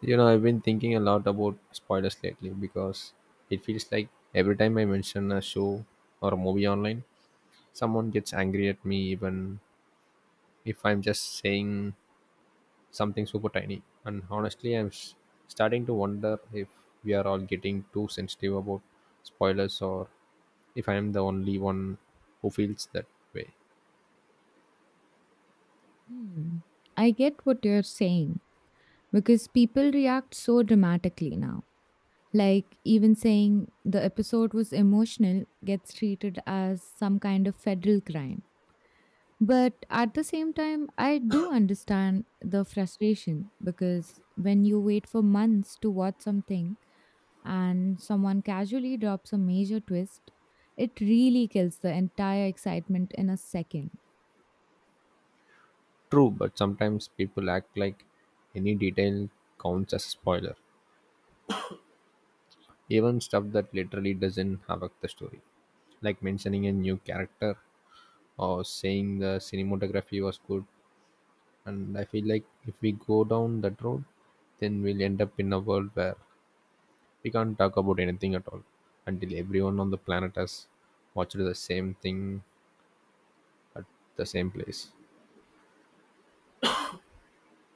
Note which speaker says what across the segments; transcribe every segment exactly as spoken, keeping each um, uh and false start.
Speaker 1: You know, I've been thinking a lot about spoilers lately because it feels like every time I mention a show or a movie online, someone gets angry at me, even if I'm just saying something super tiny. And honestly, I'm s- starting to wonder if we are all getting too sensitive about spoilers or if I'm the only one who feels that way.
Speaker 2: Hmm. I get what you're saying because people react so dramatically now. Like, even saying the episode was emotional gets treated as some kind of federal crime. But at the same time, I do understand the frustration because when you wait for months to watch something and someone casually drops a major twist, it really kills the entire excitement in a second.
Speaker 1: True, but sometimes people act like any detail counts as a spoiler. Even stuff that literally doesn't affect the story, like mentioning a new character or saying the cinematography was good. And I feel like if we go down that road, then we'll end up in a world where we can't talk about anything at all until everyone on the planet has watched the same thing at the same place.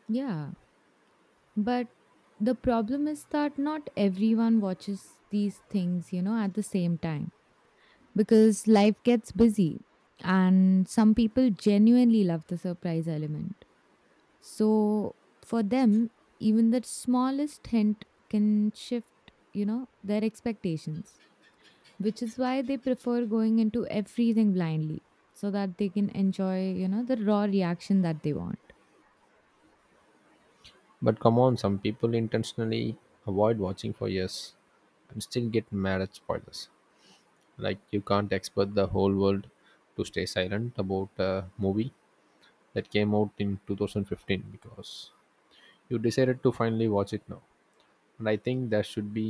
Speaker 2: Yeah. But the problem is that not everyone watches these things, you know, at the same time because life gets busy and some people genuinely love the surprise element. So for them, even the smallest hint can shift, you know, their expectations, which is why they prefer going into everything blindly so that they can enjoy, you know, the raw reaction that they want.
Speaker 1: But come on, some people intentionally avoid watching for years and still get mad at spoilers. Like, you can't expect the whole world to stay silent about a movie that came out in twenty fifteen because you decided to finally watch it now. And I think there should be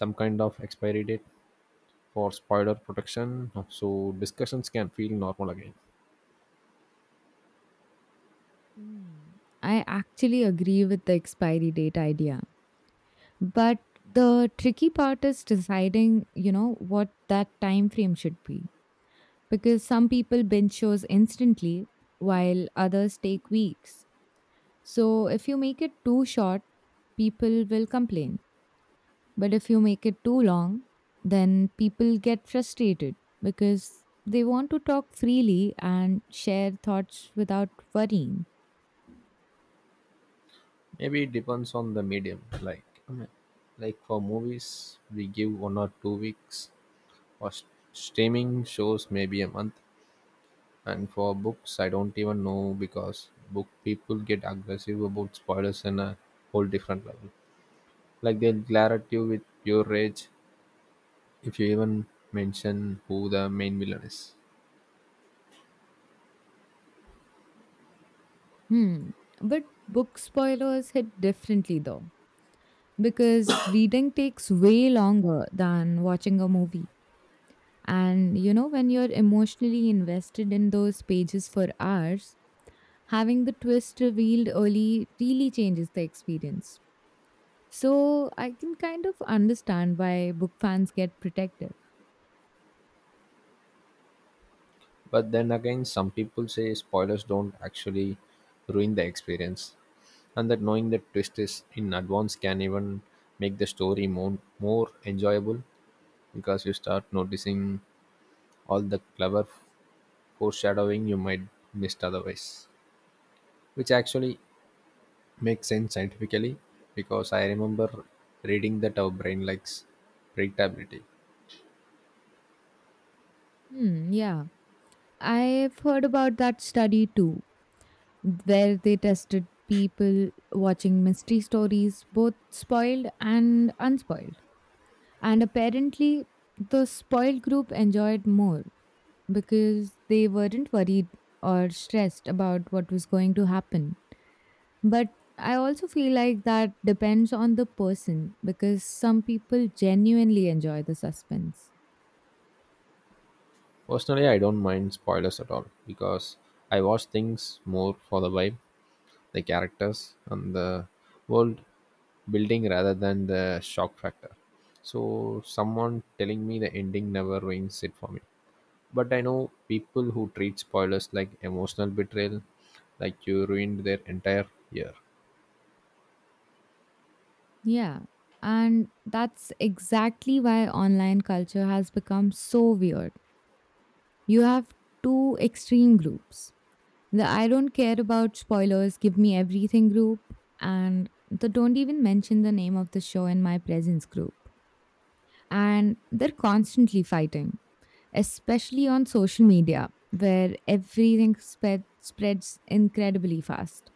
Speaker 1: some kind of expiry date for spoiler protection so discussions can feel normal again.
Speaker 2: Mm. I actually agree with the expiry date idea. But the tricky part is deciding, you know, what that time frame should be. Because some people binge shows instantly, while others take weeks. So if you make it too short, people will complain. But if you make it too long, then people get frustrated because they want to talk freely and share thoughts without worrying.
Speaker 1: Maybe it depends on the medium. Like I mean, like for movies, we give one or two weeks. For s- streaming shows, maybe a month. And for books, I don't even know, because book people get aggressive about spoilers in a whole different level. Like, they'll glare at you with your rage if you even mention who the main villain is.
Speaker 2: Hmm. But book spoilers hit differently though, because reading takes way longer than watching a movie. And you know, when you're emotionally invested in those pages for hours, having the twist revealed early really changes the experience. So I can kind of understand why book fans get protective.
Speaker 1: But then again, some people say spoilers don't actually ruin the experience, and that knowing the twist is in advance can even make the story more more enjoyable because you start noticing all the clever foreshadowing you might missed otherwise, which actually makes sense scientifically, because I remember reading that our brain likes predictability.
Speaker 2: Hmm, yeah. I've heard about that study too, where they tested people watching mystery stories, both spoiled and unspoiled. And apparently, the spoiled group enjoyed more because they weren't worried or stressed about what was going to happen. But I also feel like that depends on the person because some people genuinely enjoy the suspense.
Speaker 1: Personally, I don't mind spoilers at all because I watch things more for the vibe, the characters, and the world building rather than the shock factor. So, someone telling me the ending never ruins it for me. But I know people who treat spoilers like emotional betrayal, like you ruined their entire year.
Speaker 2: Yeah. And that's exactly why online culture has become so weird. You have two extreme groups: the I don't care about spoilers, give me everything group, and the don't even mention the name of the show in my presence group. And they're constantly fighting, especially on social media, where everything spread, spreads incredibly fast.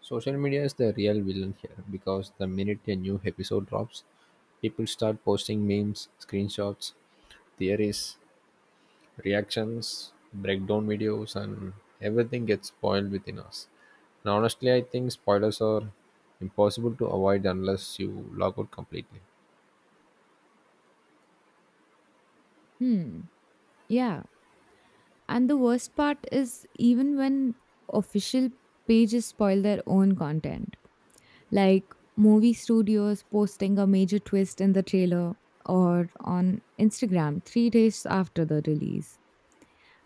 Speaker 1: Social media is the real villain here, because the minute a new episode drops, people start posting memes, screenshots, theories, reactions, breakdown videos, and everything gets spoiled within us. Now, honestly, I think spoilers are impossible to avoid unless you log out completely.
Speaker 2: Hmm. Yeah. And the worst part is even when official pages spoil their own content, like movie studios posting a major twist in the trailer or on Instagram three days after the release.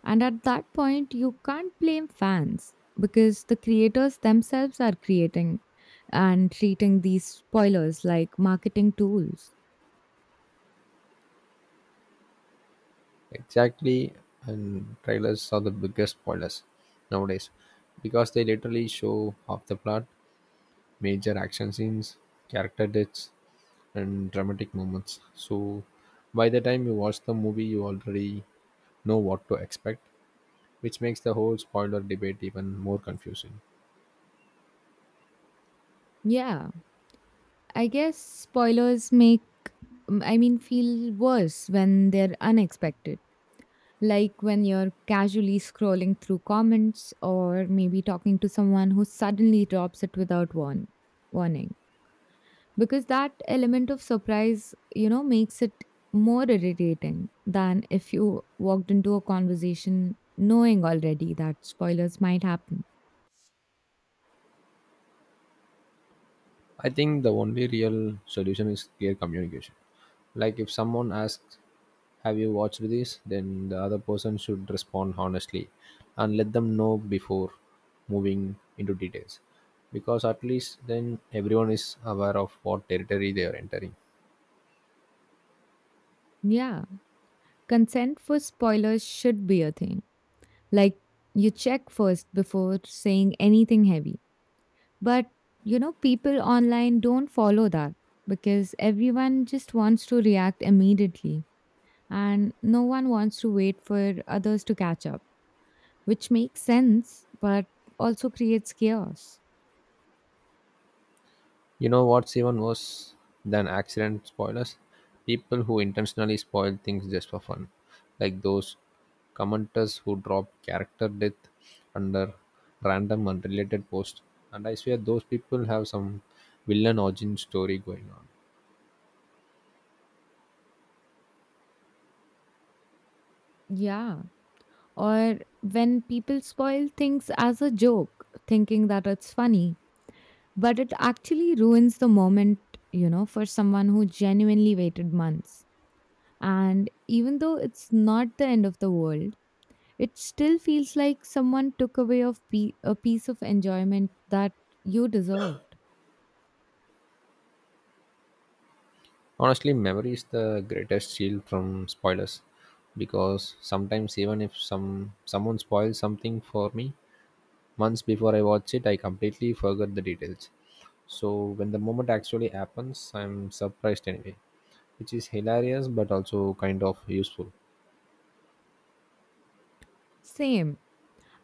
Speaker 2: And at that point, you can't blame fans because the creators themselves are creating and treating these spoilers like marketing tools.
Speaker 1: Exactly, and trailers are the biggest spoilers nowadays because they literally show half the plot, major action scenes, character deaths, and dramatic moments. So by the time you watch the movie, you already know what to expect, which makes the whole spoiler debate even more confusing.
Speaker 2: Yeah, I guess spoilers make, mm, I mean, feel worse when they're unexpected. Like when you're casually scrolling through comments or maybe talking to someone who suddenly drops it without warn- warning. Because that element of surprise, you know makes it more irritating than if you walked into a conversation knowing already that spoilers might happen.
Speaker 1: I think the only real solution is clear communication. Like, if someone asks, "Have you watched this?" then the other person should respond honestly and let them know before moving into details. Because at least then everyone is aware of what territory they are entering.
Speaker 2: Yeah, consent for spoilers should be a thing. Like, you check first before saying anything heavy. But you know people online don't follow that because everyone just wants to react immediately, and no one wants to wait for others to catch up, which makes sense but also creates chaos.
Speaker 1: You know what's even worse than accident spoilers? People who intentionally spoil things just for fun, like those commenters who drop character death under random unrelated posts. And I swear those people have some villain origin story going on.
Speaker 2: Yeah. Or when people spoil things as a joke, thinking that it's funny, but it actually ruins the moment, you know, for someone who genuinely waited months. And even though it's not the end of the world, it still feels like someone took away of pe- a piece of enjoyment that you deserved.
Speaker 1: Honestly, memory is the greatest shield from spoilers, because sometimes even if some someone spoils something for me months before I watch it, I completely forget the details. So when the moment actually happens, I'm surprised anyway, which is hilarious but also kind of useful.
Speaker 2: Same.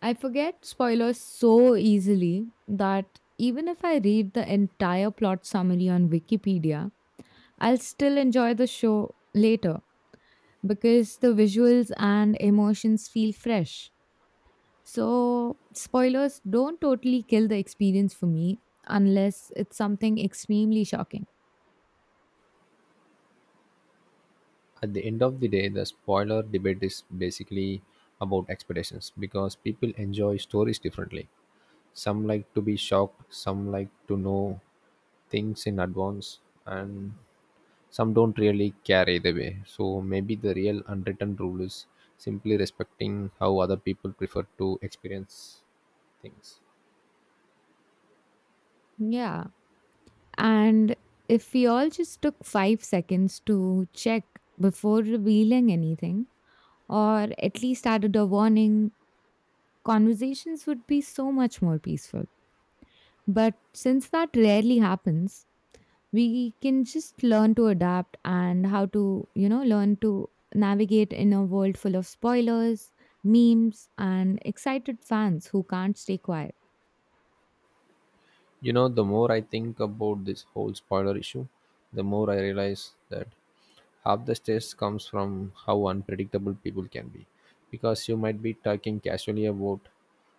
Speaker 2: I forget spoilers so easily that even if I read the entire plot summary on Wikipedia, I'll still enjoy the show later because the visuals and emotions feel fresh. So, spoilers don't totally kill the experience for me unless it's something extremely shocking.
Speaker 1: At the end of the day, the spoiler debate is basically about expectations, because people enjoy stories differently. Some like to be shocked, some like to know things in advance, and some don't really care either way. So maybe the real unwritten rule is simply respecting how other people prefer to experience things.
Speaker 2: Yeah. And if we all just took five seconds to check before revealing anything, or at least added a warning, conversations would be so much more peaceful. But since that rarely happens, we can just learn to adapt and how to, you know, learn to navigate in a world full of spoilers, memes, and excited fans who can't stay quiet.
Speaker 1: You know, the more I think about this whole spoiler issue, the more I realize that half the stress comes from how unpredictable people can be. Because you might be talking casually about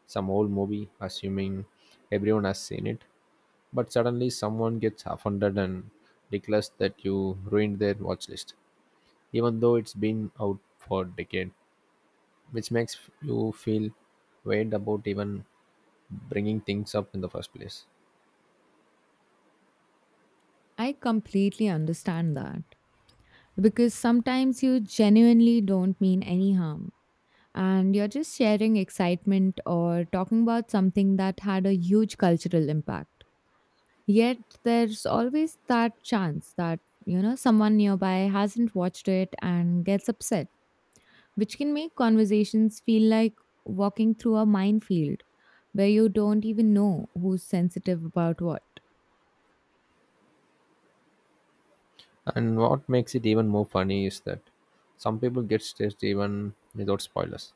Speaker 1: some old movie, assuming everyone has seen it, but suddenly someone gets offended and declares that you ruined their watch list, even though it's been out for a decade, which makes you feel weird about even bringing things up in the first place.
Speaker 2: I completely understand that because sometimes you genuinely don't mean any harm and you're just sharing excitement or talking about something that had a huge cultural impact. Yet there's always that chance that, you know, someone nearby hasn't watched it and gets upset, which can make conversations feel like walking through a minefield where you don't even know who's sensitive about what.
Speaker 1: And what makes it even more funny is that some people get stressed even without spoilers.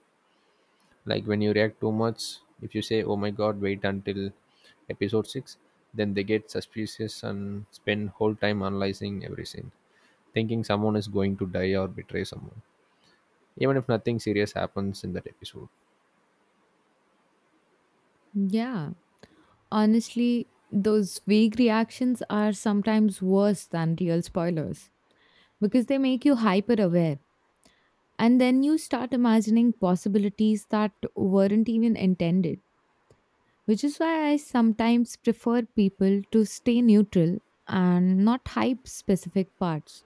Speaker 1: Like, when you react too much, if you say, "Oh my god, wait until episode six," then they get suspicious and spend whole time analyzing every scene, thinking someone is going to die or betray someone, even if nothing serious happens in that episode.
Speaker 2: Yeah. Honestly, those vague reactions are sometimes worse than real spoilers because they make you hyper aware. And then you start imagining possibilities that weren't even intended. Which is why I sometimes prefer people to stay neutral and not hype specific parts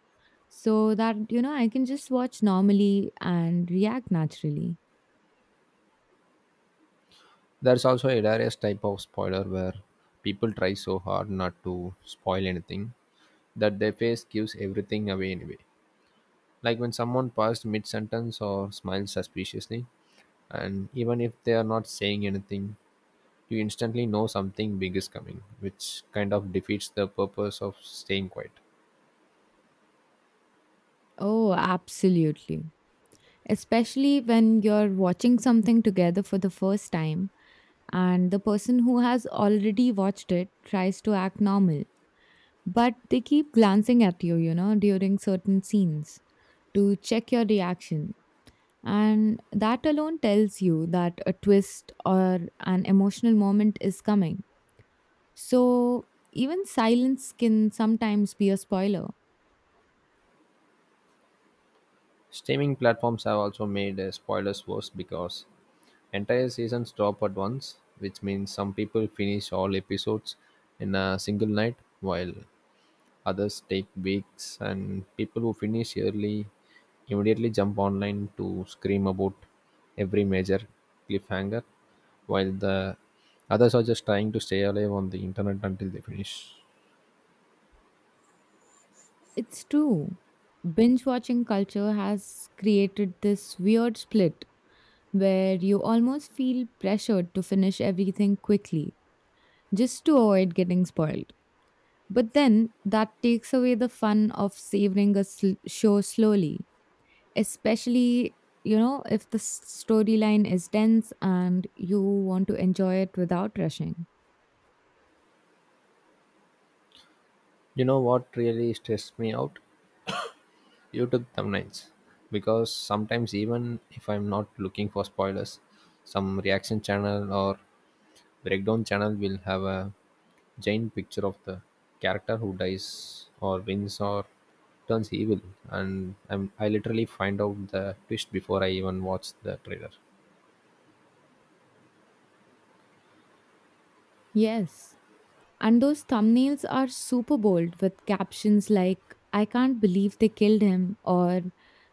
Speaker 2: so that you know I can just watch normally and react naturally.
Speaker 1: There's also a hilarious type of spoiler where people try so hard not to spoil anything that their face gives everything away anyway, like when someone paused mid sentence or smiled suspiciously, and even if they are not saying anything, you instantly know something big is coming, which kind of defeats the purpose of staying quiet.
Speaker 2: Oh, absolutely. Especially when you're watching something together for the first time and the person who has already watched it tries to act normal, but they keep glancing at you, you know, during certain scenes to check your reaction. And that alone tells you that a twist or an emotional moment is coming. So, even silence can sometimes be a spoiler.
Speaker 1: Streaming platforms have also made uh, spoilers worse because entire seasons drop at once, which means some people finish all episodes in a single night, while others take weeks, and people who finish early immediately jump online to scream about every major cliffhanger, while the others are just trying to stay alive on the internet until they finish.
Speaker 2: It's true. Binge watching culture has created this weird split where you almost feel pressured to finish everything quickly just to avoid getting spoiled. But then that takes away the fun of savoring a sl- show slowly. Especially, you know if the s- storyline is dense and you want to enjoy it without rushing.
Speaker 1: You know what really stressed me out? YouTube thumbnails. Because sometimes, even if I'm not looking for spoilers, some reaction channel or breakdown channel will have a giant picture of the character who dies or wins or turns evil, and I'm, i literally find out the twist before I even watch the trailer.
Speaker 2: Yes. And those thumbnails are super bold with captions like, I can't believe they killed him, or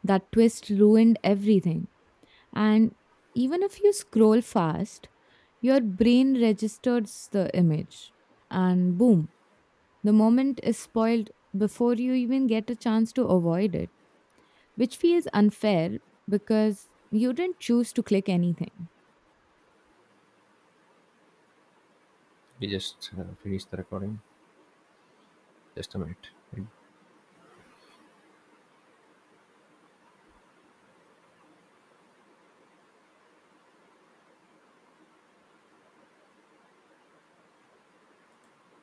Speaker 2: that twist ruined everything. And even if you scroll fast, your brain registers the image, and boom, the moment is spoiled before you even get a chance to avoid it, which feels unfair because you didn't choose to click anything.
Speaker 1: We just uh, finished the recording. Just a minute. It